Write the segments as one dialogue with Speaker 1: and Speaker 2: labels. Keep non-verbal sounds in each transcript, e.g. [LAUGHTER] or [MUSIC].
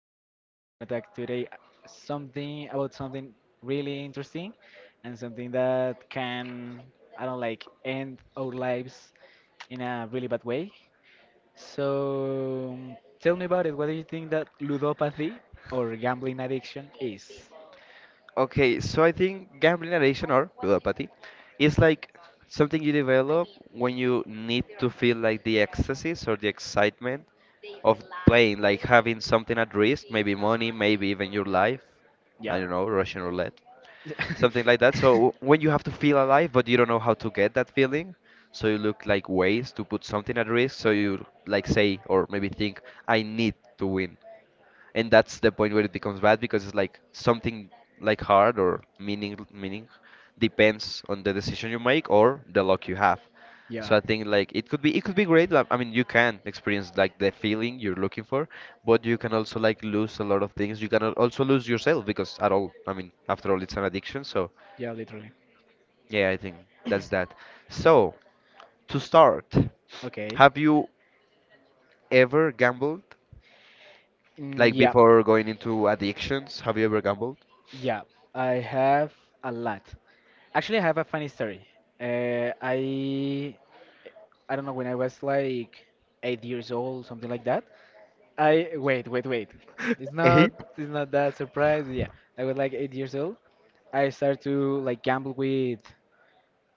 Speaker 1: our podcast. We're gonna talk today something about something really interesting and something that can, I don't like, end our lives in a really bad way. So tell me about it. What do you think that ludopathy or gambling addiction is?
Speaker 2: Okay, so I think gambling addiction or ludopathy is like something you develop when you need to feel like the ecstasies or the excitement of playing, like having something at risk, maybe money, maybe even your life. I
Speaker 1: Yeah.
Speaker 2: don't know, Russian roulette, something like that.
Speaker 1: [LAUGHS]
Speaker 2: So when you have to feel alive, but you don't know how to get that feeling, so you look like ways to put something at risk. So you like say or maybe think, I need to win, and that's the point where it becomes bad because it's like something like hard or meaning depends on the decision you make or the luck you have. So
Speaker 1: Yeah.
Speaker 2: I think like it could be great. Like, I mean, you can experience like the feeling you're looking for, but you can also like lose a lot of things. You can also lose yourself because at all, I mean, after all it's an addiction, so
Speaker 1: Yeah, literally.
Speaker 2: yeah, I think that's that. So to start,
Speaker 1: Okay.
Speaker 2: have you ever gambled?
Speaker 1: Mm,
Speaker 2: Like,
Speaker 1: yeah.
Speaker 2: before going into addictions, have you ever gambled?
Speaker 1: Yeah, I have a lot. Actually, I have a funny story. I I don't know, when I was like 8 years old, something like that. I wait, wait, wait. It's not
Speaker 2: Eight.
Speaker 1: it's not that surprise. Yeah, I was like 8 years old. I started to like gamble with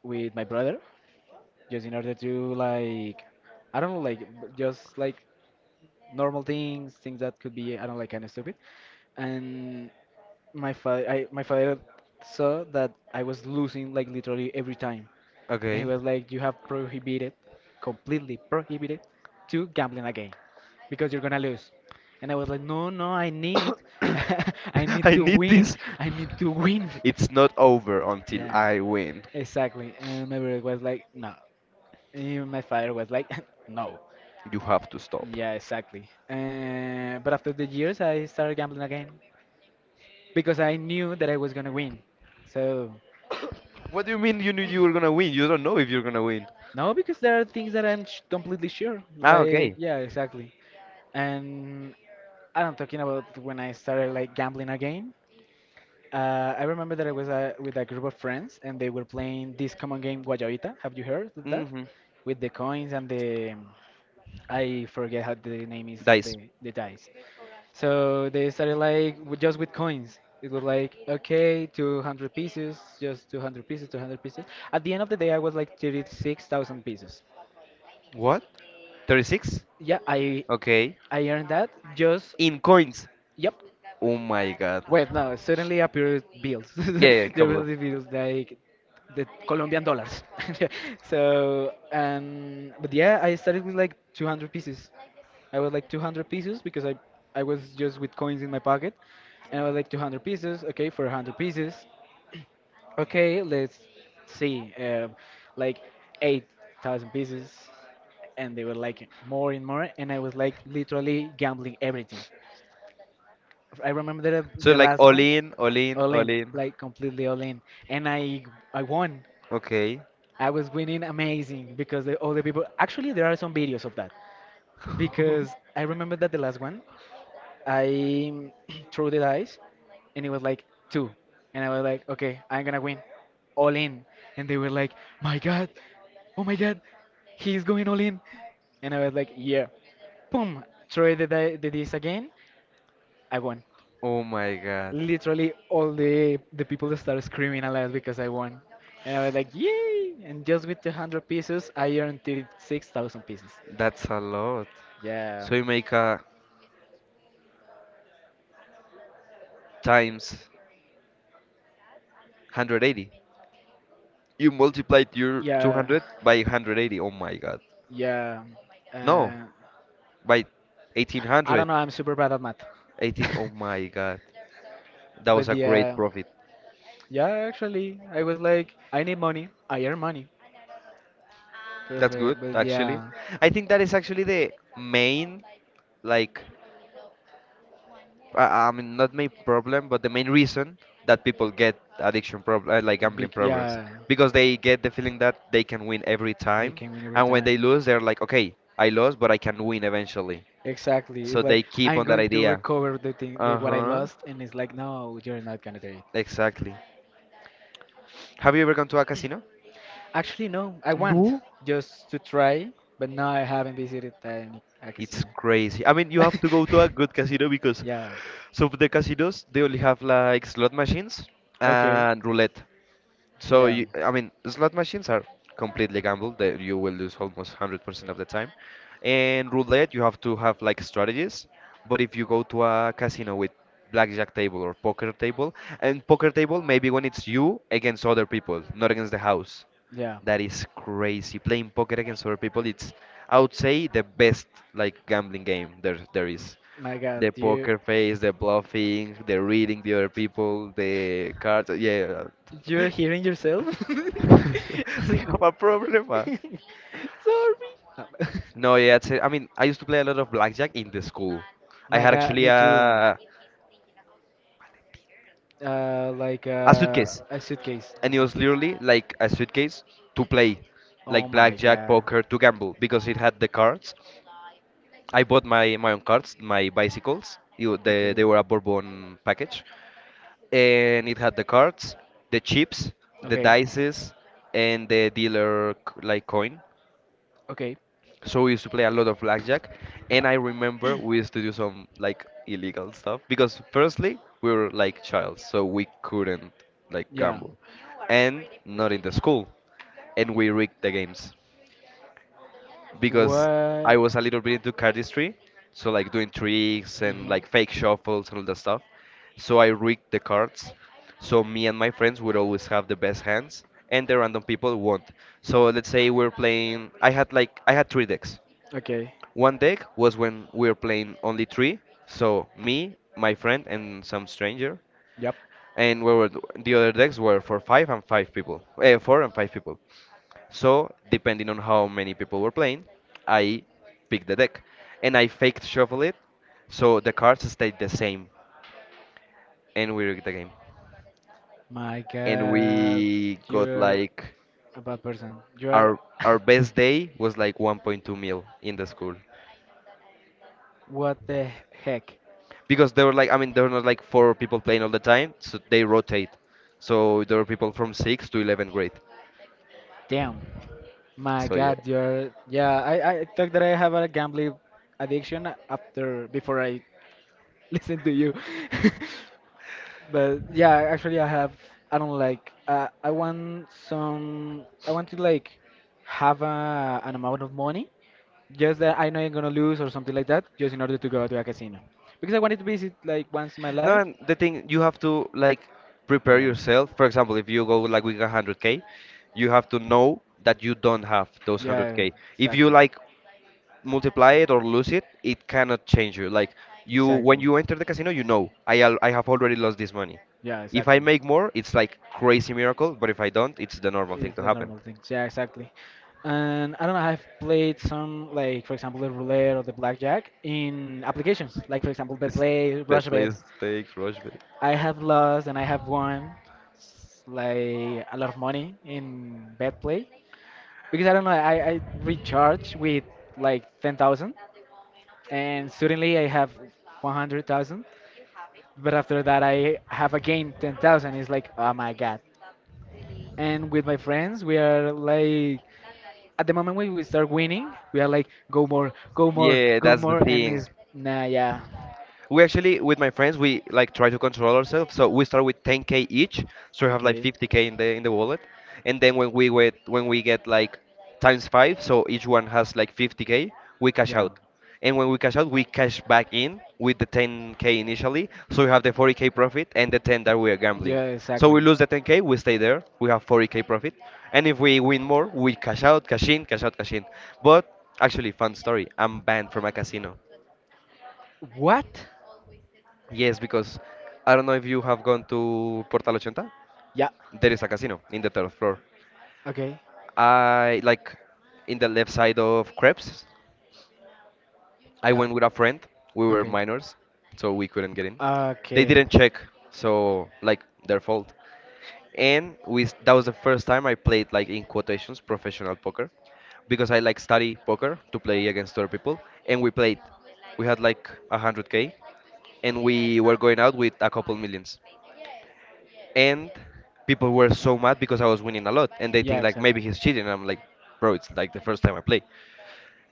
Speaker 1: with my brother, just in order to like, I don't know, like just like normal things, things that could be, I don't know, like kind of stupid. And my father saw that I was losing like literally every time, and he
Speaker 2: Okay.
Speaker 1: was like, you have prohibited, completely prohibited to gambling again because you're gonna lose. And I was like, no, I need, [LAUGHS] I
Speaker 2: [LAUGHS]
Speaker 1: need
Speaker 2: I
Speaker 1: to
Speaker 2: need
Speaker 1: win
Speaker 2: this.
Speaker 1: I need to win.
Speaker 2: It's not over
Speaker 1: [LAUGHS]
Speaker 2: until
Speaker 1: Yeah,
Speaker 2: I win.
Speaker 1: exactly. And my brother was like, no. And my father was like, [LAUGHS] no.
Speaker 2: You have to stop.
Speaker 1: Yeah, exactly. But after the years, I started gambling again because I knew that I was gonna win, so.
Speaker 2: What do you mean you knew you were gonna win? You don't know if you're gonna win.
Speaker 1: No, because there are things that I'm sh completely sure.
Speaker 2: Ah,
Speaker 1: Like,
Speaker 2: okay.
Speaker 1: yeah, exactly. And I'm talking about when I started like gambling again. I remember that I was, with a group of friends, and they were playing this common game, Guayabita. Have you heard of that?
Speaker 2: Mm-hmm.
Speaker 1: With the coins and the, I forget how the name is of the
Speaker 2: Dice.
Speaker 1: the dice. So they started like just with coins. It was like, okay, 200 pieces, just 200 pieces, 200 pieces. At the end of the day, I was like 36,000 pieces.
Speaker 2: What? 36?
Speaker 1: Yeah,
Speaker 2: Okay.
Speaker 1: I earned that just.
Speaker 2: In coins.
Speaker 1: Yep.
Speaker 2: Oh my god.
Speaker 1: Wait, no, suddenly appeared bills.
Speaker 2: Yeah, yeah,
Speaker 1: [LAUGHS] There
Speaker 2: couple
Speaker 1: were
Speaker 2: of.
Speaker 1: the bills like the Colombian dollars. [LAUGHS] So, but yeah, I started with like 200 pieces. I was like 200 pieces because I was just with coins in my pocket. And I was like 200 pieces, okay, for 100 pieces. Okay, let's see. Like 8,000 pieces, and they were like more and more, and I was like literally gambling everything. I remember
Speaker 2: So
Speaker 1: the
Speaker 2: like
Speaker 1: last
Speaker 2: all
Speaker 1: one,
Speaker 2: in, all in,
Speaker 1: all
Speaker 2: all
Speaker 1: in,
Speaker 2: in.
Speaker 1: like completely all in, and I won.
Speaker 2: Okay.
Speaker 1: I was winning amazing because all the people. Actually, there are some videos of that
Speaker 2: [LAUGHS]
Speaker 1: because I remember that the last one I [CLEARS THROAT] threw the dice, and it was like two, and I was like, okay, I'm gonna win, all in. And they were like, my God, oh my God, he's going all in. And I was like, yeah, boom, throw the the dice again, I won.
Speaker 2: oh my god.
Speaker 1: Literally all the people started screaming aloud because I won, and I was like, "Yay!" And just with 200 pieces, I earned 36,000 pieces.
Speaker 2: That's a lot.
Speaker 1: Yeah,
Speaker 2: So you make a times 180. You multiplied your
Speaker 1: yeah,
Speaker 2: 200 by 180. Oh my god.
Speaker 1: yeah.
Speaker 2: No,
Speaker 1: Uh,
Speaker 2: by
Speaker 1: I don't
Speaker 2: 1800.
Speaker 1: know. I'm super bad at math,
Speaker 2: 18. Oh my god.
Speaker 1: [LAUGHS]
Speaker 2: That
Speaker 1: but
Speaker 2: was a great
Speaker 1: yeah,
Speaker 2: profit.
Speaker 1: yeah. Actually, I was like, I need money. I earn money.
Speaker 2: That's good,
Speaker 1: Perfect. But
Speaker 2: actually.
Speaker 1: yeah,
Speaker 2: I think that is actually the main, like, uh, I mean, not main problem, but the main reason that people get addiction problem, like gambling
Speaker 1: big.
Speaker 2: problems,
Speaker 1: Yeah,
Speaker 2: because they get the feeling that they can win every
Speaker 1: they
Speaker 2: time,
Speaker 1: can win every
Speaker 2: and when they
Speaker 1: time.
Speaker 2: lose, they're like, okay, I lost, but I can win eventually.
Speaker 1: Exactly. It's
Speaker 2: So
Speaker 1: like
Speaker 2: they keep
Speaker 1: I'm
Speaker 2: on that
Speaker 1: going to
Speaker 2: idea.
Speaker 1: recover the thing, the,
Speaker 2: Uh
Speaker 1: what I
Speaker 2: huh.
Speaker 1: lost, and it's like, no, you're not gonna do it.
Speaker 2: Exactly. Have you ever gone to a casino?
Speaker 1: Actually, no, I want
Speaker 2: No.
Speaker 1: just to try, but now I haven't visited any a
Speaker 2: It's
Speaker 1: casino.
Speaker 2: crazy. I mean, you
Speaker 1: [LAUGHS]
Speaker 2: have to go to a good casino because
Speaker 1: Yeah.
Speaker 2: some of the casinos they only have like slot machines
Speaker 1: Okay.
Speaker 2: and roulette. So
Speaker 1: Yeah.
Speaker 2: you, I mean, slot machines are completely gamble that you will lose almost 100% of the time. And roulette, you have to have like strategies. But if you go to a casino with blackjack table or poker table, and poker table maybe when it's you against other people, not against the house.
Speaker 1: Yeah.
Speaker 2: That is crazy. Playing poker against other people, it's I would say the best like gambling game there is.
Speaker 1: My God,
Speaker 2: The
Speaker 1: you
Speaker 2: poker face, the bluffing, the reading the other people, the cards. Yeah.
Speaker 1: you're
Speaker 2: [LAUGHS]
Speaker 1: hearing yourself?
Speaker 2: [LAUGHS]
Speaker 1: [LAUGHS]
Speaker 2: I have a problem.
Speaker 1: Sorry. Uh,
Speaker 2: No, yeah, it's, I mean, I used to play a lot of blackjack in the school.
Speaker 1: [LAUGHS]
Speaker 2: I
Speaker 1: My
Speaker 2: had
Speaker 1: God,
Speaker 2: actually
Speaker 1: me too.
Speaker 2: a suitcase,
Speaker 1: A
Speaker 2: and it was
Speaker 1: suitcase.
Speaker 2: literally like a suitcase to play,
Speaker 1: Oh
Speaker 2: like
Speaker 1: my
Speaker 2: blackjack,
Speaker 1: God.
Speaker 2: poker, to gamble because it had the cards. I bought my own cards, my bicycles. You, they were a Bourbon package, and it had the cards, the chips, the
Speaker 1: Okay.
Speaker 2: dices, and the dealer like coin.
Speaker 1: Okay.
Speaker 2: So we used to play a lot of blackjack, and I remember we used to do some like illegal stuff because firstly we were like child, so we couldn't like
Speaker 1: Yeah.
Speaker 2: gamble, and not in the school, and we rigged the games because I
Speaker 1: What?
Speaker 2: was a little bit into cardistry, so like doing tricks and
Speaker 1: Mhm.
Speaker 2: like fake shuffles and all that stuff. So I rigged the cards, so me and my friends would always have the best hands, and the random people won't. So let's say we're playing. I had three decks.
Speaker 1: Okay.
Speaker 2: One deck was when we were playing only three, so me, my friend, and some stranger,
Speaker 1: Yep.
Speaker 2: and we were the other decks were for five and five people, four and five people. So depending on how many people were playing, I picked the deck, and I faked shuffle it, so the cards stayed the same, and we rigged the game.
Speaker 1: My
Speaker 2: And
Speaker 1: God,
Speaker 2: we got
Speaker 1: you're
Speaker 2: like
Speaker 1: a bad person. You are.
Speaker 2: our
Speaker 1: [LAUGHS]
Speaker 2: our best day was like 1.2 mil in the school,
Speaker 1: What the heck?
Speaker 2: because they were like I mean there were not like four people playing all the time, so they rotate. So there were people from sixth to 11th grade.
Speaker 1: Damn. My
Speaker 2: So yeah.
Speaker 1: God, you're. Yeah, I thought that I have a gambling addiction after before I [LAUGHS] listened to you. [LAUGHS] But yeah, actually, I have. I don't like. I want some. I want to like have an amount of money, just that I know I'm gonna lose or something like that, just in order to go to a casino. Because I wanted to visit like once in my
Speaker 2: No,
Speaker 1: life.
Speaker 2: and the thing you have to like prepare
Speaker 1: Yeah.
Speaker 2: yourself. For example, if you go like with 100k, you have to know that you don't have those
Speaker 1: Yeah.
Speaker 2: 100k. If you
Speaker 1: Exactly.
Speaker 2: like multiply it or lose it, it cannot change you. Like you when
Speaker 1: Exactly.
Speaker 2: you enter the casino, you know I I have already lost this money.
Speaker 1: Yeah.
Speaker 2: If I
Speaker 1: Exactly.
Speaker 2: make more, it's like crazy miracle, but if I don't, it's the normal thing
Speaker 1: It's
Speaker 2: to
Speaker 1: the
Speaker 2: happen.
Speaker 1: normal things. Yeah, exactly. And I don't know, I've played some, like, for example, the roulette or the blackjack in applications, like, for example,
Speaker 2: It's
Speaker 1: BetPlay,
Speaker 2: that
Speaker 1: RushBet.
Speaker 2: place take Rocheville.
Speaker 1: I have lost and I have won, like, a lot of money in BetPlay. Because I don't know, I recharge with, like, 10,000, and suddenly I have 100,000. But after that, I have again 10,000. It's like, oh my God. And with my friends, we are, like, at the moment when we start winning, we are like, go more, go more,
Speaker 2: Yeah,
Speaker 1: go
Speaker 2: that's the
Speaker 1: more, and
Speaker 2: thing.
Speaker 1: it's nah, yeah,
Speaker 2: We actually, with my friends, we like try to control ourselves. So we start with 10k each, so we have like
Speaker 1: okay,
Speaker 2: 50k in the wallet, and then when we get like times five, so each one has like 50k, we cash
Speaker 1: yeah,
Speaker 2: out, and when we cash out, we cash back in with the 10k initially, so we have the 40k profit and the 10 that we are gambling.
Speaker 1: yeah,
Speaker 2: So we
Speaker 1: exactly.
Speaker 2: lose the 10k, we stay there, we have 40k profit, and if we win more, we cash out, cash in, cash out, cash in. But actually, fun story, I'm banned from a casino.
Speaker 1: What?
Speaker 2: Yes, because I don't know if you have gone to Portal 80.
Speaker 1: Yeah,
Speaker 2: There is a casino in the third floor.
Speaker 1: okay,
Speaker 2: I like in the left side of Krebs. I
Speaker 1: yeah,
Speaker 2: went with a friend. We were
Speaker 1: okay,
Speaker 2: minors, so we couldn't get in. They
Speaker 1: okay.
Speaker 2: didn't check, so like their fault. And that was the first time I played like in quotations professional poker because I like study poker to play against other people. And we played. We had like 100k, and we were going out with a couple millions. And people were so mad because I was winning a lot, and they
Speaker 1: Yeah,
Speaker 2: think like maybe
Speaker 1: exactly.
Speaker 2: he's cheating. And I'm like, bro, it's like the first time I play.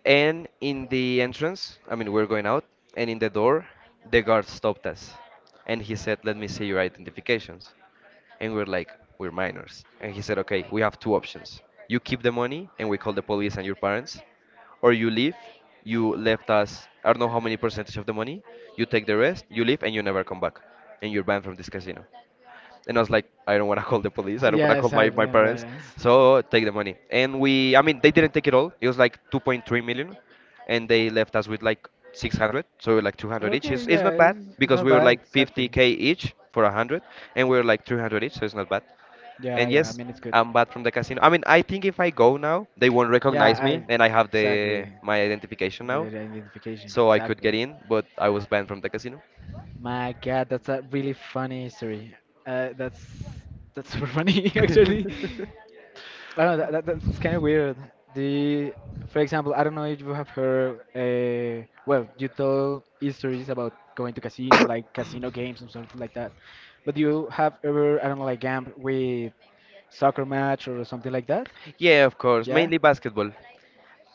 Speaker 2: And in the entrance, I mean, we're going out, and in the door, the guard stopped us, and he said, "Let me see your identifications." And we're like, "We're minors," and he said, "Okay, we have two options. You keep the money, and we call the police and your parents, or you leave. You left us. I don't know how many percentage of the money. You take the rest. You leave, and you never come back, and you're banned from this casino." And I was like, I don't want to [LAUGHS] call the police. I don't want to
Speaker 1: Yeah,
Speaker 2: call my
Speaker 1: exactly. I'm very
Speaker 2: parents.
Speaker 1: nice.
Speaker 2: So take the money. And we, I mean, they didn't take it all. It was like 2.3 million. And they left us with like 600. So we were like 200 each.
Speaker 1: Okay,
Speaker 2: It's
Speaker 1: yeah,
Speaker 2: not bad
Speaker 1: it's
Speaker 2: because
Speaker 1: not
Speaker 2: we were
Speaker 1: bad.
Speaker 2: like
Speaker 1: Exactly.
Speaker 2: 50K each for 100. And we were like 300 each. So it's not bad.
Speaker 1: Yeah,
Speaker 2: And
Speaker 1: yeah. I
Speaker 2: yes,
Speaker 1: mean, it's good.
Speaker 2: I'm bad from the casino. I mean, I think if I go now, they won't
Speaker 1: Yeah,
Speaker 2: recognize me.
Speaker 1: I
Speaker 2: And I have the
Speaker 1: exactly.
Speaker 2: my identification
Speaker 1: The
Speaker 2: now.
Speaker 1: identification.
Speaker 2: So I could
Speaker 1: Exactly.
Speaker 2: get in. But I was banned from the casino.
Speaker 1: My God, that's a really funny history. Uh, that's that's super funny [LAUGHS] actually.
Speaker 2: [LAUGHS]
Speaker 1: I don't know. That's kind of weird. The, for example, I don't know if you have heard. You told stories about going to casino, like casino games and something like that. But you have ever, I don't know, like gamble with soccer match or something like that?
Speaker 2: Yeah, of course.
Speaker 1: Yeah.
Speaker 2: Mainly basketball,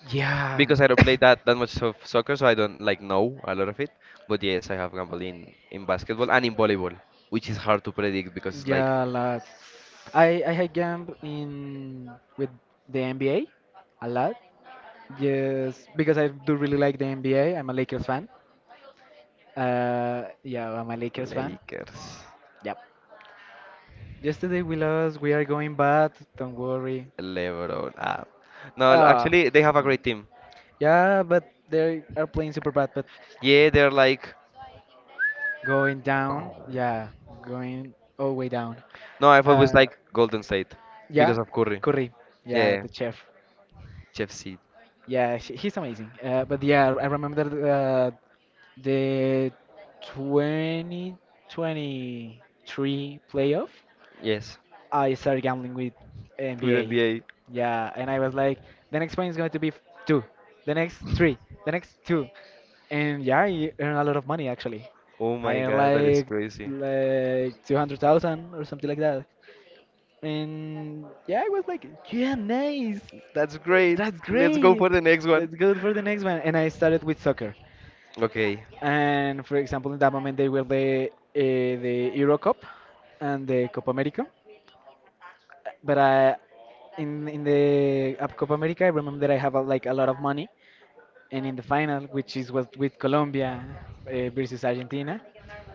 Speaker 1: Yeah.
Speaker 2: because I don't play that much of soccer, so I don't like know a lot of it.
Speaker 1: [LAUGHS]
Speaker 2: But yes, I have gambled in basketball and in volleyball, which is hard to predict because it's like
Speaker 1: Yeah, a lot. I had gamb in with the NBA a lot. Yes, because I do really like the NBA. I'm a Lakers fan. Yeah, I'm a Lakers fan.
Speaker 2: Lakers,
Speaker 1: Yep. Yesterday we lost. We are going bad. Don't worry.
Speaker 2: LeBron. Ah, no,
Speaker 1: Ah.
Speaker 2: actually they have a
Speaker 1: Ah.
Speaker 2: great team.
Speaker 1: Yeah, but they are playing super bad. But
Speaker 2: Yeah, they're like
Speaker 1: going down. Yeah, going all the way down.
Speaker 2: no, I've always
Speaker 1: Uh,
Speaker 2: like Golden State because
Speaker 1: yeah,
Speaker 2: of Curry.
Speaker 1: Curry. Yeah,
Speaker 2: Yeah,
Speaker 1: the chef.
Speaker 2: Jeff Seed.
Speaker 1: Yeah, he's amazing. I remember, the 2023 playoff.
Speaker 2: Yes,
Speaker 1: I started gambling with
Speaker 2: to the
Speaker 1: NBA.
Speaker 2: NBA.
Speaker 1: Yeah, and I was like, the next point is going to be two, the next three, the next two, and yeah, I earned a lot of money actually.
Speaker 2: Oh
Speaker 1: I
Speaker 2: my
Speaker 1: earned
Speaker 2: God, that is
Speaker 1: like
Speaker 2: crazy.
Speaker 1: like 200,000 or something like that. And yeah, I was like, yeah, nice.
Speaker 2: That's great.
Speaker 1: That's
Speaker 2: Let's go
Speaker 1: great.
Speaker 2: for the next one.
Speaker 1: Let's go for the next one. And I started with soccer.
Speaker 2: Okay.
Speaker 1: And for example, in that moment, they were the, the Euro Cup and the Copa America. But I, in the, Copa America, I remember that I have a, like a lot of money. And in the final, which is was with Colombia, versus Argentina,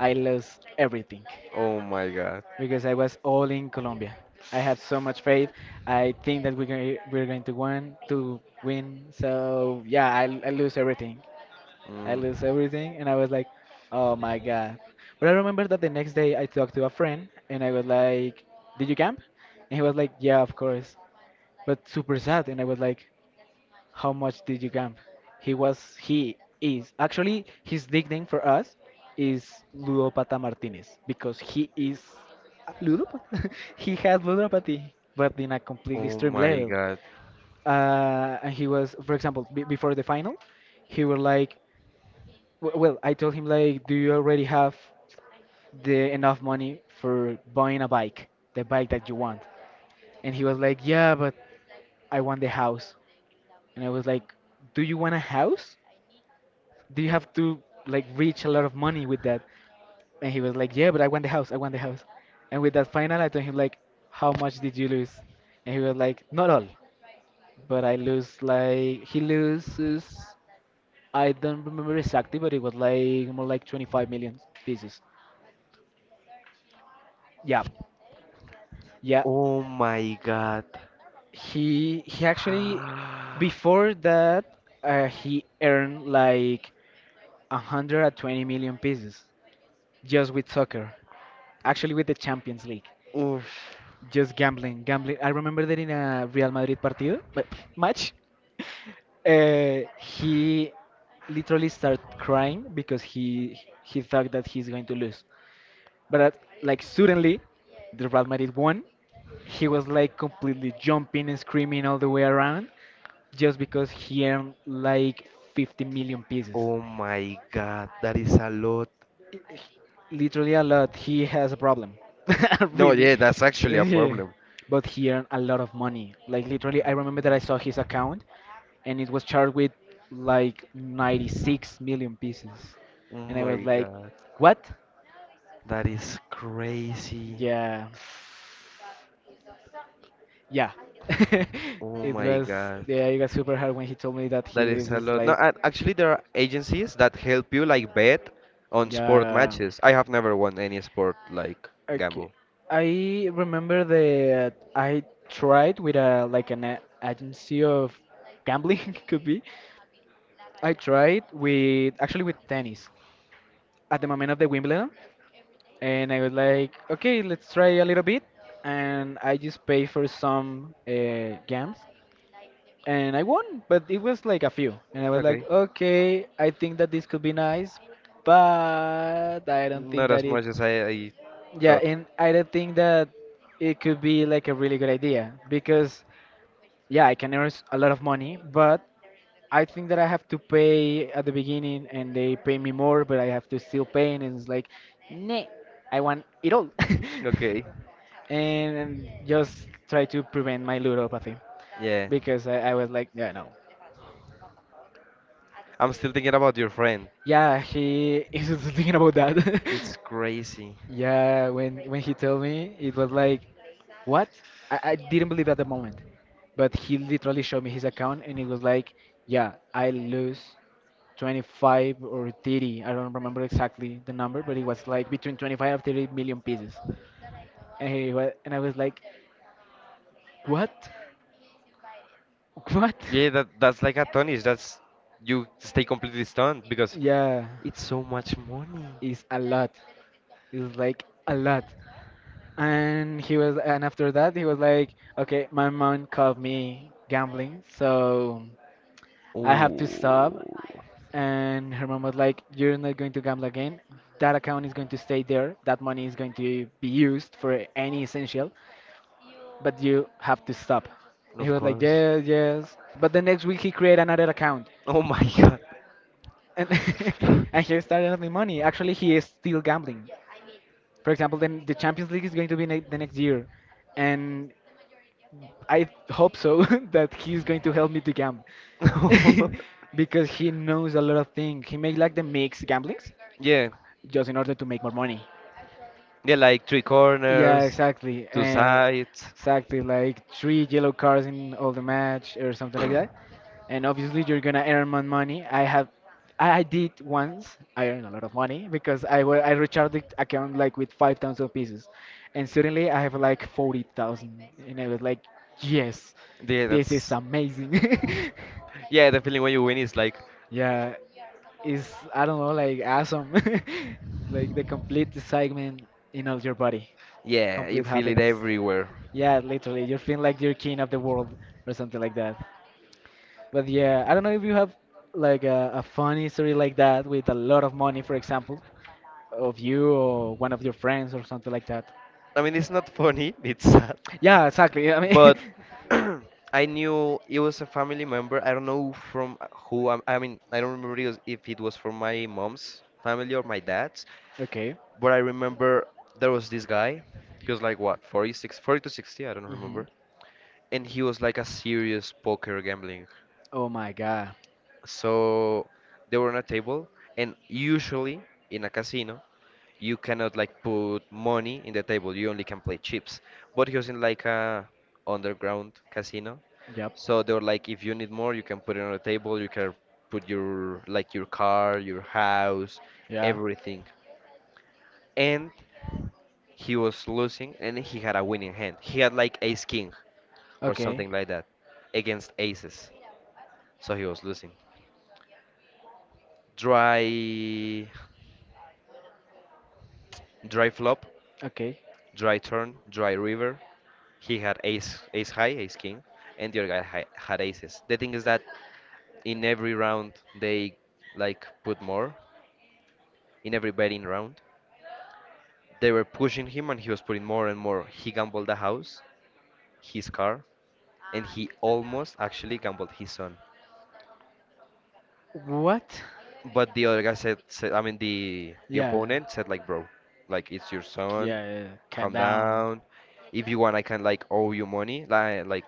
Speaker 1: I lost everything.
Speaker 2: Oh my god.
Speaker 1: Because I was all in Colombia. I have so much faith. I think that we're going, we're going to win. So yeah, I lose everything. I
Speaker 2: Mm.
Speaker 1: lose everything, and I was like, oh my god. But I remember that the next day I talked to a friend, and I was like, did you camp? And he was like, yeah, of course, but super sad. And I was like, how much did you gamp? He is. Actually, his nickname for us is Ludopata Martinez because he is a ludopata. [LAUGHS] He has ludopathy, but in a completely
Speaker 2: Oh
Speaker 1: extreme
Speaker 2: my
Speaker 1: level.
Speaker 2: god.
Speaker 1: And he was, for example, b before the final, he were like, well, I told him like, do you already have the enough money for buying a bike, the bike that you want? And he was like, yeah, but I want the house. And I was like, do you want a house? Do you have to like reach a lot of money with that? And he was like, yeah, but I want the house. And with that final, I told him like, how much did you lose? And he was like, not all, but I lose like he loses. I don't remember exactly, but it was like more like 25 million pieces. Yeah, yeah.
Speaker 2: Oh my god.
Speaker 1: He actually
Speaker 2: [SIGHS]
Speaker 1: before that, he earned like 120 million pieces just with soccer. Actually, with the Champions League.
Speaker 2: Oof.
Speaker 1: Just gambling. I remember that in a Real Madrid partido, but [LAUGHS] match, he literally started crying because he thought that he's going to lose. But at, like suddenly, the Real Madrid won. He was like completely jumping and screaming all the way around just because he earned like 50 million pieces.
Speaker 2: Oh my god. That is a lot.
Speaker 1: Literally a lot. He has a problem. [LAUGHS]
Speaker 2: No,
Speaker 1: Really.
Speaker 2: yeah, that's actually a
Speaker 1: Yeah.
Speaker 2: problem.
Speaker 1: But he earned a lot of money. Like literally, I remember that I saw his account, and it was charged with like 96 million pieces.
Speaker 2: Oh
Speaker 1: And I was
Speaker 2: my
Speaker 1: like,
Speaker 2: god.
Speaker 1: what?
Speaker 2: That is crazy.
Speaker 1: Yeah. Yeah. [LAUGHS]
Speaker 2: Oh
Speaker 1: It
Speaker 2: my
Speaker 1: was,
Speaker 2: god.
Speaker 1: yeah, it was super hard when he told me that he
Speaker 2: That is a
Speaker 1: loses
Speaker 2: lot. No,
Speaker 1: like,
Speaker 2: and actually there are agencies that help you like bet on sport
Speaker 1: yeah.
Speaker 2: matches. I have never won any sport like
Speaker 1: Okay.
Speaker 2: gamble.
Speaker 1: I remember that I tried with a like an agency of gambling, [LAUGHS] could be. I tried with actually with tennis at the moment of the Wimbledon and I was like, okay, let's try a little bit and I just paid for some games and I won, but it was like a few and I was like,
Speaker 2: Okay.
Speaker 1: okay, I think that this could be nice, but I don't
Speaker 2: Not
Speaker 1: think
Speaker 2: as
Speaker 1: that it.
Speaker 2: much as I
Speaker 1: Yeah,
Speaker 2: thought.
Speaker 1: and I don't think that it could be like a really good idea because yeah, I can earn a lot of money, but I think that I have to pay at the beginning and they pay me more, but I have to still pay and it's like, nah, I want it all.
Speaker 2: Okay.
Speaker 1: [LAUGHS] And just try to prevent my ludopathy
Speaker 2: Yeah.
Speaker 1: because I was like, yeah, no.
Speaker 2: I'm still thinking about your friend.
Speaker 1: Yeah, he [LAUGHS] is thinking about that. [LAUGHS]
Speaker 2: It's crazy.
Speaker 1: Yeah, when he told me, it was like, what? I didn't believe at the moment, but he literally showed me his account, and it was like, yeah, I lose 25 or 30. I don't remember exactly the number, but it was like between 25 and 30 million pieces. And I was like, what? [LAUGHS] What?
Speaker 2: Yeah, that's like a tonish. That's you stay completely stunned because
Speaker 1: Yeah,
Speaker 2: it's so much money.
Speaker 1: it's a lot. It's like a lot. And he was, and after that he was like, okay, my mom caught me gambling, so I have to stop.
Speaker 2: Oh,
Speaker 1: And her mom was like, you're not going to gamble again. That account is going to stay there. That money is going to be used for any essential, but you have to stop. And he
Speaker 2: of
Speaker 1: was like,
Speaker 2: course.
Speaker 1: yes, yes, but the next week he created another account.
Speaker 2: Oh my god.
Speaker 1: And [LAUGHS] and he started having money. Actually he is still gambling. For example, then the Champions League is going to be the next year, and I hope so [LAUGHS] that he's going to help me to gamble.
Speaker 2: [LAUGHS]
Speaker 1: [LAUGHS] Because he knows a lot of things. He make like the mix gamblings
Speaker 2: yeah,
Speaker 1: just in order to make more money.
Speaker 2: yeah, like three
Speaker 1: Yeah,
Speaker 2: corners,
Speaker 1: exactly.
Speaker 2: two
Speaker 1: And
Speaker 2: sides.
Speaker 1: exactly like three yellow cards in all the match or something like that. And obviously you're gonna earn more money. I have, I did once. I earned a lot of money because I I recharged the account like with 5,000 pieces, and suddenly I have like 40,000, and I was like, yes,
Speaker 2: Yeah,
Speaker 1: this is
Speaker 2: that's
Speaker 1: amazing.
Speaker 2: yeah. The feeling when you win is like
Speaker 1: [LAUGHS] Yeah, it's, I don't know, like awesome, [LAUGHS] like the complete excitement in all your body,
Speaker 2: yeah, you
Speaker 1: complete
Speaker 2: feel it
Speaker 1: happiness.
Speaker 2: everywhere.
Speaker 1: Yeah, literally, you're feeling like you're king of the world or something like that. But yeah, I don't know if you have like a funny story like that with a lot of money, for example, of you or one of your friends or something like that.
Speaker 2: I mean, it's not funny. [LAUGHS] It's sad.
Speaker 1: Yeah, exactly. I mean, [LAUGHS]
Speaker 2: But [CLEARS THROAT] I knew it was a family member. I don't know from who. I mean, I don't remember if it was from my mom's family or my dad's,
Speaker 1: okay.
Speaker 2: but I remember there was this guy. He was like what, 46, 40 to 60, I don't
Speaker 1: Hmm.
Speaker 2: remember. And he was like a serious poker gambling.
Speaker 1: Oh my God.
Speaker 2: So they were on a table, and usually in a casino, you cannot like put money in the table. You only can play chips. But he was in like a underground casino.
Speaker 1: Yep.
Speaker 2: So they were like, if you need more, you can put it on the table. You can put your like your car, your house,
Speaker 1: Yeah.
Speaker 2: everything. And he was losing, and he had a winning hand. He had like ace king or
Speaker 1: Okay.
Speaker 2: something like that against aces. So he was losing. Dry, dry flop,
Speaker 1: Okay.
Speaker 2: dry turn, dry river. He had ace, ace high, ace king, and the other guy had aces. The thing is that in every round they like put more in every betting round. They were pushing him and he was putting more and more. He gambled the house, his car, and he almost actually gambled his son.
Speaker 1: What?
Speaker 2: But the other guy said, I mean the
Speaker 1: Yeah.
Speaker 2: opponent said like, bro, like it's your son,
Speaker 1: Yeah, yeah. Calm
Speaker 2: calm
Speaker 1: down.
Speaker 2: down. If you want I can like owe you money. Like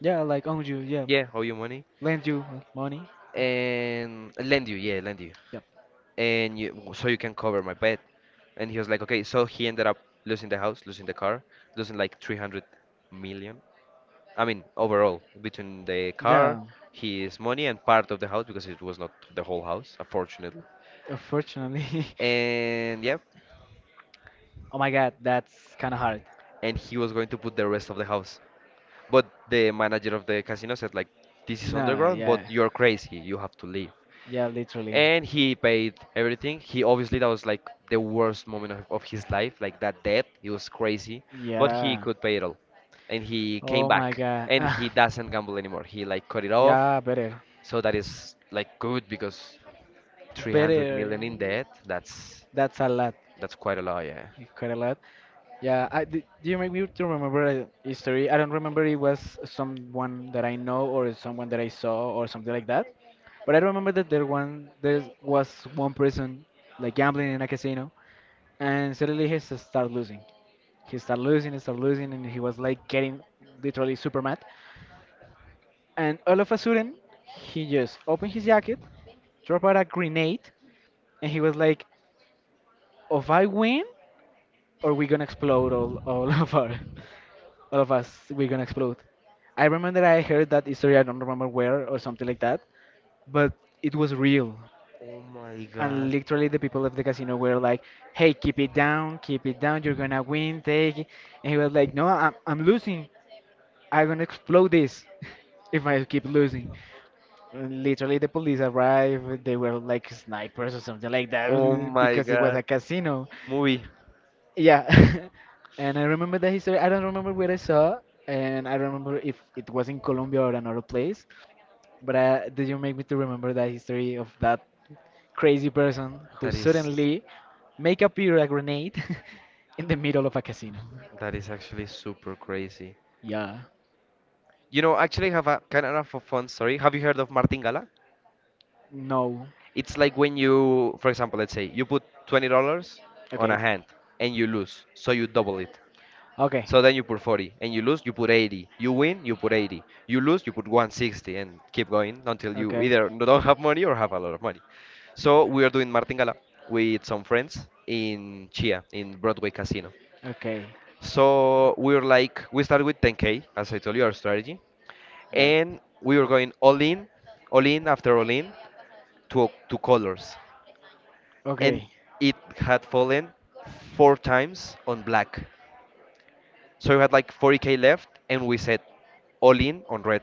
Speaker 1: Yeah, like own you. Yeah.
Speaker 2: yeah, owe you money.
Speaker 1: Lend you money.
Speaker 2: And lend you, yeah, lend you.
Speaker 1: Yep.
Speaker 2: And you so you can cover my bet. And he was like, okay, so he ended up losing the house, losing the car, losing like 300 million. I mean, overall, between the car,
Speaker 1: Yeah.
Speaker 2: his money, and part of the house because it was not the whole house, unfortunately.
Speaker 1: Unfortunately. [LAUGHS]
Speaker 2: And yeah,
Speaker 1: Oh my God, that's kind of hard.
Speaker 2: and he was going to put the rest of the house. But the manager of the casino said like, "This is
Speaker 1: No.
Speaker 2: underground, but
Speaker 1: Yeah.
Speaker 2: you're crazy. You have to leave."
Speaker 1: Yeah. Literally.
Speaker 2: And he paid everything. He obviously that was like the worst moment of his life, like that debt. It was crazy, but he
Speaker 1: Yeah.
Speaker 2: could pay it all, and he came
Speaker 1: Oh my
Speaker 2: back.
Speaker 1: God. [LAUGHS]
Speaker 2: And he doesn't gamble anymore. He like cut it off,
Speaker 1: Yeah. Better.
Speaker 2: so that is like good because 300
Speaker 1: Better.
Speaker 2: million in debt. That's
Speaker 1: That's a lot.
Speaker 2: that's quite a lot, yeah.
Speaker 1: Quite a lot. Yeah, I do you make me to remember a history? I don't remember it was someone that I know or someone that I saw or something like that. But I remember that there one there was one person like gambling in a casino, and suddenly he started losing. He started losing, he started losing, and he was like getting literally super mad. And all of a sudden, he just opened his jacket, dropped out a grenade, and he was like, "If I win, or we gonna explode all [LAUGHS] of our." All of us we're gonna explode. I remember I heard that story. I don't remember where or something like that, but it was real.
Speaker 2: Oh my
Speaker 1: And
Speaker 2: god.
Speaker 1: literally, the people of the casino were like, "Hey, keep it down, keep it down. You're gonna win. Take it." And he was like, "No, I'm losing. I'm gonna explode this [LAUGHS] if I keep losing." And literally, the police arrived. They were like snipers or something like that
Speaker 2: Oh
Speaker 1: [LAUGHS]
Speaker 2: my
Speaker 1: because it was
Speaker 2: god.
Speaker 1: a casino.
Speaker 2: Movie.
Speaker 1: Yeah, [LAUGHS] and I remember the history. I don't remember where I saw, and I remember if it was in Colombia or another place. But did you make me to remember the history of that crazy person who
Speaker 2: That is
Speaker 1: suddenly make appear a grenade [LAUGHS] in the middle of a casino?
Speaker 2: that is actually super crazy.
Speaker 1: Yeah.
Speaker 2: You know, actually have a kind of a fun story. Have you heard of martingala?
Speaker 1: No.
Speaker 2: It's like when you, for example, let's say you put $20 on a
Speaker 1: Okay.
Speaker 2: hand and you lose, so you double it.
Speaker 1: Okay.
Speaker 2: So then you put 40 and you lose, you put 80. You win, you put 80. You lose, you put 160 and keep going until you
Speaker 1: Okay.
Speaker 2: either [LAUGHS] don't have money or have a lot of money. So we are doing martingala with some friends in Chia, in Broadway Casino.
Speaker 1: Okay.
Speaker 2: So we were like, we started with 10K, as I told you, our strategy.
Speaker 1: Yeah.
Speaker 2: And we were going all in after all in to colors. And
Speaker 1: Okay.
Speaker 2: it had fallen four times on black. So we had like 40K left, and we said all in on red.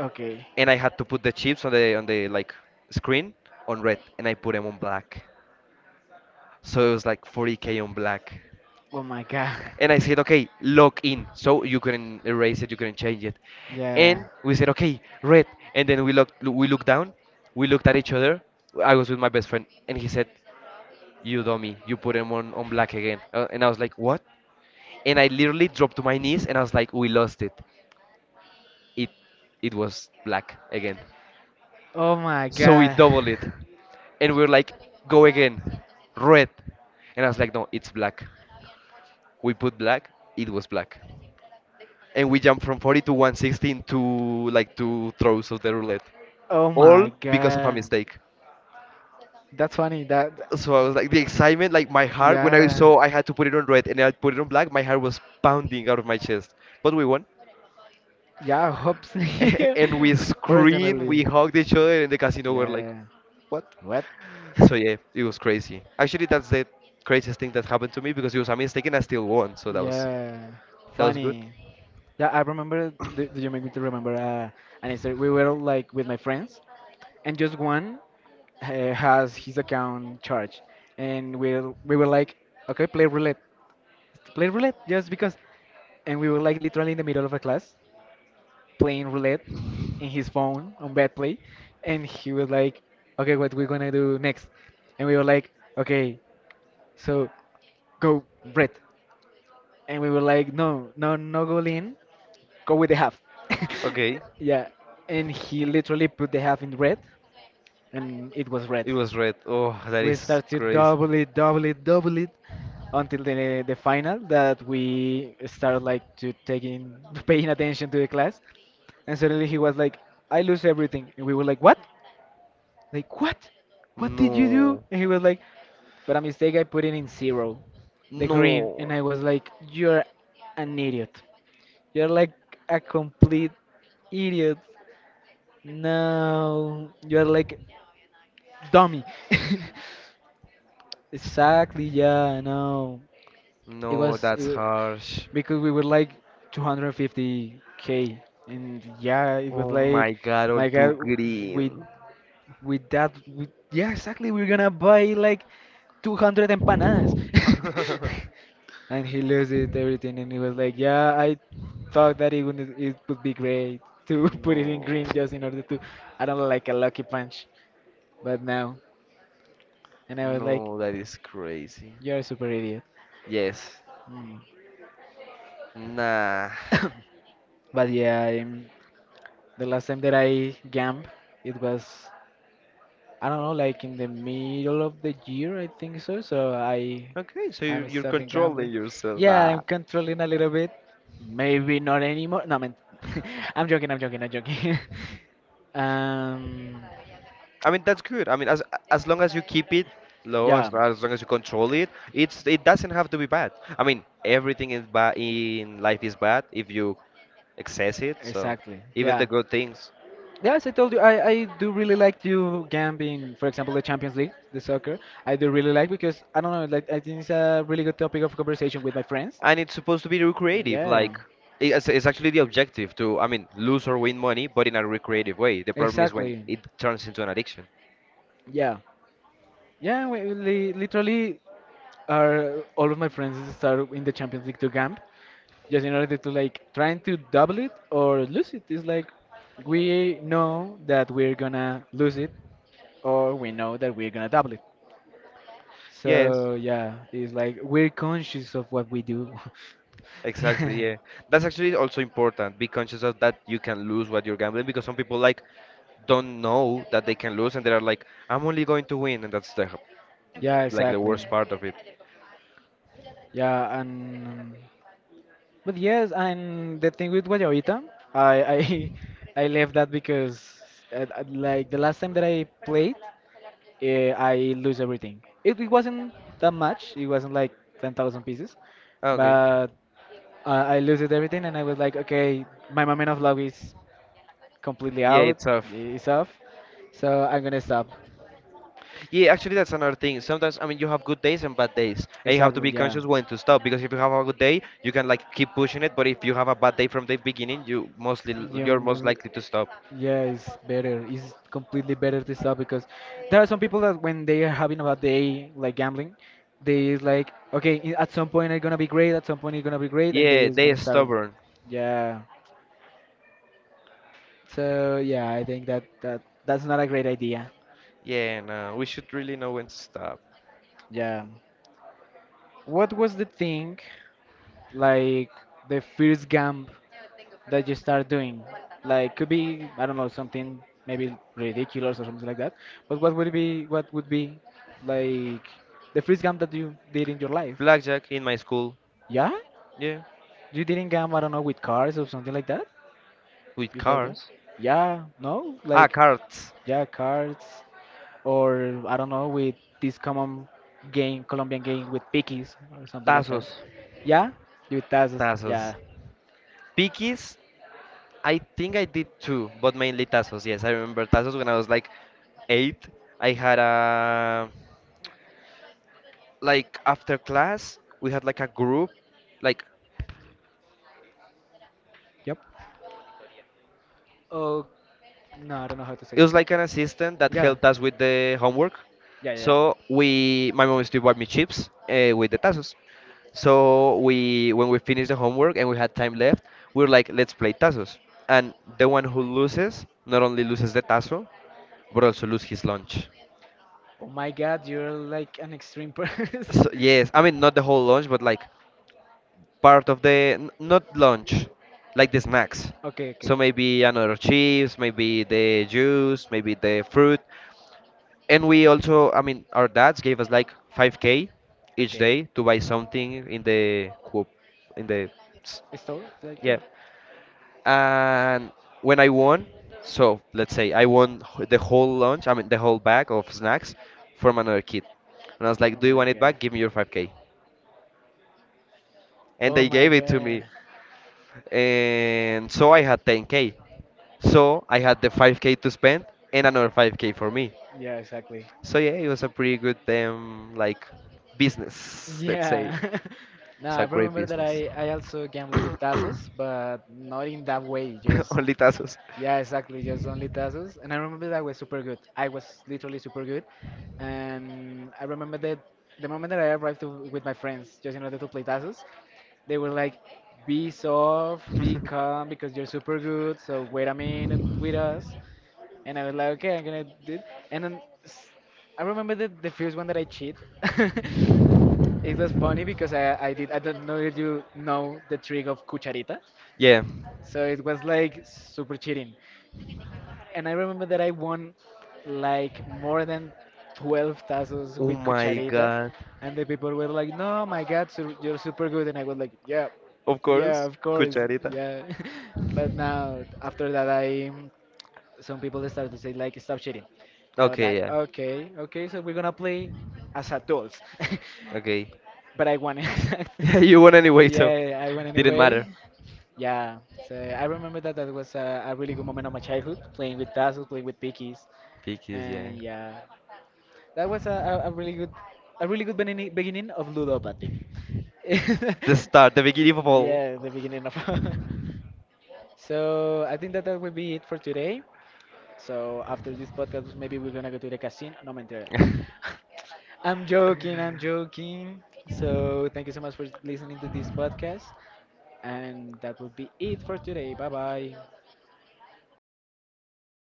Speaker 1: Okay.
Speaker 2: And I had to put the chips on the like screen on red, and I put them on black. So it was like 40K on black.
Speaker 1: Oh my God.
Speaker 2: And I
Speaker 1: [LAUGHS]
Speaker 2: said, okay, lock in. So you couldn't erase it, you couldn't change it.
Speaker 1: Yeah.
Speaker 2: And we said, okay, red. And then we looked down, we looked at each other. I was with my best friend, and he said, you dummy, you put him on black again. And I was like, what? And I literally dropped to my knees and I was like, we lost it. it it was black again.
Speaker 1: Oh my
Speaker 2: So we
Speaker 1: God.
Speaker 2: double
Speaker 1: [LAUGHS]
Speaker 2: it, and we are like, go again, red. And I was like, no, it's black. We put black, it was black, and we jumped from 40 to 116 to like two throws of the roulette,
Speaker 1: Oh
Speaker 2: all
Speaker 1: my
Speaker 2: because of a
Speaker 1: God.
Speaker 2: mistake.
Speaker 1: That's funny. That.
Speaker 2: So I was like, the excitement, like my heart, when I
Speaker 1: Yeah.
Speaker 2: saw I had to put it on red and I put it on black, my heart was pounding out of my chest. But we won.
Speaker 1: Yeah, hopes.
Speaker 2: [LAUGHS] And we
Speaker 1: [LAUGHS]
Speaker 2: screamed, we
Speaker 1: Personally.
Speaker 2: hugged each other, and the casino were like,
Speaker 1: Yeah.
Speaker 2: what?
Speaker 1: What? [LAUGHS]
Speaker 2: So yeah, it was crazy. Actually, that's the craziest thing that happened to me because it was a mistake and I still won. So
Speaker 1: Yeah,
Speaker 2: that was good.
Speaker 1: funny. Yeah, I remember. Do you make me to remember an Easter? We were like with my friends, and just one has his account charged, and we were like, okay, play roulette, just because. And we were like literally in the middle of a class, playing roulette in his phone on bad play. And he was like, okay, what we gonna do next? And we were like, okay, so go red. And we were like, no, no, no, go in, go with the half. [LAUGHS]
Speaker 2: Okay,
Speaker 1: Yeah, and he literally put the half in red, and it was red.
Speaker 2: it was red. Oh, that
Speaker 1: We
Speaker 2: is
Speaker 1: started to
Speaker 2: crazy.
Speaker 1: double it, double it, double it, until the final that we started like to taking [LAUGHS] paying attention to the class. And suddenly he was like, I lose everything. And we were like, what? Like, what? What did you do?
Speaker 2: No,
Speaker 1: And he was like, but a mistake, I put it in zero, the green.
Speaker 2: no,
Speaker 1: And I was like, you're an idiot. You're like a complete idiot. No, you're like dummy. [LAUGHS] Exactly, yeah, no.
Speaker 2: no,
Speaker 1: It
Speaker 2: that's
Speaker 1: was
Speaker 2: harsh.
Speaker 1: because we were like 250k. And yeah, it was
Speaker 2: Oh
Speaker 1: like,
Speaker 2: my God, all
Speaker 1: my
Speaker 2: too
Speaker 1: god, we
Speaker 2: green.
Speaker 1: with that with, yeah exactly we're gonna buy like 200 empanadas.
Speaker 2: [LAUGHS]
Speaker 1: [LAUGHS] And he loses everything and he was like, yeah, I thought that it would, it would be great to [LAUGHS] put it in
Speaker 2: No,
Speaker 1: green just in order to, I don't know, like a lucky punch, but now. And I was like,
Speaker 2: no, that is crazy.
Speaker 1: you're a super idiot.
Speaker 2: Yes.
Speaker 1: Mm.
Speaker 2: Nah.
Speaker 1: But yeah, the last time that I gamb, it was, I don't know, like in the middle of the year, I think so. So I,
Speaker 2: Okay, so
Speaker 1: I'm
Speaker 2: you're
Speaker 1: stopping gambling.
Speaker 2: controlling yourself.
Speaker 1: Yeah, I'm
Speaker 2: Ah.
Speaker 1: controlling a little bit. Maybe not anymore. No, man. [LAUGHS] I'm joking. I'm joking. I'm joking. [LAUGHS] um,
Speaker 2: I mean that's good. I mean as long as you keep it low,
Speaker 1: yeah.
Speaker 2: as long as you control it, it's it doesn't have to be bad. I mean everything in ba in life is bad if you excess it. So
Speaker 1: Exactly.
Speaker 2: even the
Speaker 1: Yeah.
Speaker 2: good things,
Speaker 1: Yes, I told you, I do really like to gambling. For example, the Champions League, the soccer. I do really like because I don't know, like I think it's a really good topic of conversation with my friends.
Speaker 2: and it's supposed to be recreative.
Speaker 1: Yeah,
Speaker 2: Like it's actually the objective to I mean lose or win money, but in a recreative way. The problem is when
Speaker 1: exactly.
Speaker 2: it turns into an addiction.
Speaker 1: Yeah, yeah. We, li literally, are all of my friends start in the Champions League to gamp, just in order to like trying to double it or lose it. It's like we know that we're gonna lose it, or we know that we're gonna double it.
Speaker 2: Yes.
Speaker 1: So yeah, it's like we're conscious of what we do. [LAUGHS]
Speaker 2: Exactly,
Speaker 1: Yeah,
Speaker 2: yeah. That's actually also important. Be conscious of that you can lose what you're gambling because some people like don't know that they can lose and they're like, I'm only going to win, and that's the
Speaker 1: yeah,
Speaker 2: like the
Speaker 1: exactly.
Speaker 2: worst part of it.
Speaker 1: Yeah, and but yes, and the thing with Guayabita, I [LAUGHS] I left that because like the last time that I played, I lose everything. It wasn't that much. It wasn't like 10,000 pieces,
Speaker 2: Okay.
Speaker 1: but I lose it everything, and I was like, okay, my moment of love is completely
Speaker 2: Yeah,
Speaker 1: out.
Speaker 2: it's tough.
Speaker 1: It's off, so I'm gonna stop.
Speaker 2: Yeah, actually, that's another thing. Sometimes, I mean, you have good days and bad days, and you have to
Speaker 1: Exactly,
Speaker 2: be
Speaker 1: yeah.
Speaker 2: conscious when to stop. Because if you have a good day, you can like keep pushing it. But if you have a bad day from the beginning, you mostly
Speaker 1: Yeah,
Speaker 2: you're most likely to stop.
Speaker 1: yeah, it's better. It's completely better to stop because there are some people that when they are having a bad day, like gambling, they is like, okay, at some point it's gonna be great, at some point it's gonna be great, and they
Speaker 2: Yeah,
Speaker 1: is
Speaker 2: they
Speaker 1: gonna
Speaker 2: are
Speaker 1: start,
Speaker 2: stubborn.
Speaker 1: yeah. So yeah, I think that that's not a great idea.
Speaker 2: Yeah, no, we should really know when to stop.
Speaker 1: Yeah. What was the thing, like the first gamb that you start doing? Like could be I don't know something maybe ridiculous or something like that. But what would be like the first game that you did in your life?
Speaker 2: Blackjack in my school.
Speaker 1: Yeah,
Speaker 2: Yeah,
Speaker 1: you didn't game I don't know with cards or something like that
Speaker 2: with
Speaker 1: before that.
Speaker 2: cards.
Speaker 1: Yeah, no,
Speaker 2: Ah,
Speaker 1: like
Speaker 2: cards.
Speaker 1: yeah cards or I don't know with this common game Colombian game with pickies or something like
Speaker 2: Tazos.
Speaker 1: that. Yeah, with tazos.
Speaker 2: Tazos.
Speaker 1: Yeah,
Speaker 2: Pickies, I think I did too, but mainly tazos. Yes, I remember tazos when I was like eight. I had a like after class we had like a group, like.
Speaker 1: yep. Oh, no, I don't know how to say
Speaker 2: It
Speaker 1: that.
Speaker 2: was like an assistant that
Speaker 1: Yeah.
Speaker 2: helped us with the homework.
Speaker 1: Yeah, yeah, yeah.
Speaker 2: So we, my mom used to buy me chips with the tazos. So we, when we finished the homework and we had time left, we were like, let's play tazos. And the one who loses not only loses the tazo, but also lose his lunch.
Speaker 1: Oh my God, you're like an extreme person.
Speaker 2: So yes, I mean not the whole lunch, but like
Speaker 1: [LAUGHS]
Speaker 2: part of the not lunch, like the snacks.
Speaker 1: Okay, okay.
Speaker 2: So maybe another chips, maybe the juice, maybe the fruit, and we also I mean our dads gave us like 5K each
Speaker 1: Okay.
Speaker 2: day to buy something in the coop in the s-
Speaker 1: Store? Like, yeah.
Speaker 2: yeah. And when I won, so let's say I won the whole lunch, I mean the whole bag of snacks from another kid, and I was like,
Speaker 1: Oh
Speaker 2: do you
Speaker 1: my
Speaker 2: want it
Speaker 1: god.
Speaker 2: back, give me your 5K. And
Speaker 1: Oh
Speaker 2: they
Speaker 1: my
Speaker 2: gave it to
Speaker 1: god.
Speaker 2: me, and so I had 10K. So I had the 5K to spend and another 5K for me.
Speaker 1: Yeah, exactly.
Speaker 2: So yeah, it was a pretty good like business, let's say.
Speaker 1: Yeah. [LAUGHS] No,
Speaker 2: It's
Speaker 1: I
Speaker 2: a great
Speaker 1: remember that
Speaker 2: business.
Speaker 1: I also
Speaker 2: [COUGHS]
Speaker 1: gambled with Tazos, but not in that way, just.
Speaker 2: Only tazos.
Speaker 1: Yeah, exactly. Just only tassels. And I remember that I was super good. I was literally super good. And I remember that the moment that I arrived to, with my friends, just in order to play tassels, they were like, be soft, be
Speaker 2: [LAUGHS]
Speaker 1: calm, because you're super good. So wait a minute with us. And I was like, okay, I'm gonna do it. And then I remember the first one that I cheat. [LAUGHS] It was funny because I did, I don't know if you know the trick of cucharita.
Speaker 2: Yeah.
Speaker 1: So it was like super cheating and I remember that I won like more than 12 tazos
Speaker 2: Oh
Speaker 1: with
Speaker 2: my
Speaker 1: cucharita,
Speaker 2: god.
Speaker 1: and the people were like, "No, my God, so you're super good," and I was like, "Yeah,
Speaker 2: Of
Speaker 1: yeah,
Speaker 2: course,
Speaker 1: of course,
Speaker 2: cucharita.
Speaker 1: yeah." [LAUGHS] But now after that, I, some people started to say like, "Stop cheating," and I was
Speaker 2: Okay,
Speaker 1: like,
Speaker 2: yeah.
Speaker 1: "Okay, okay, so we're gonna play as adults," [LAUGHS]
Speaker 2: Okay. [LAUGHS]
Speaker 1: but I won [LAUGHS] exactly.
Speaker 2: Yeah, you won anyway, so
Speaker 1: Yeah, I won
Speaker 2: didn't matter.
Speaker 1: anyway. Yeah, so I remember that that was a really good moment of my childhood, playing with tassels, playing with pickies,
Speaker 2: Because yeah.
Speaker 1: and yeah, that was a really good beginning, beginning of ludopathy. [LAUGHS] Yeah,
Speaker 2: The start, the beginning of all.
Speaker 1: the beginning of. [LAUGHS] So I think that that will be it for today. So after this podcast, maybe we're gonna go to the casino. No, mentira.
Speaker 2: [LAUGHS]
Speaker 1: I'm joking. I'm joking. So thank you so much for listening to this podcast, and that will be it for today. Bye bye.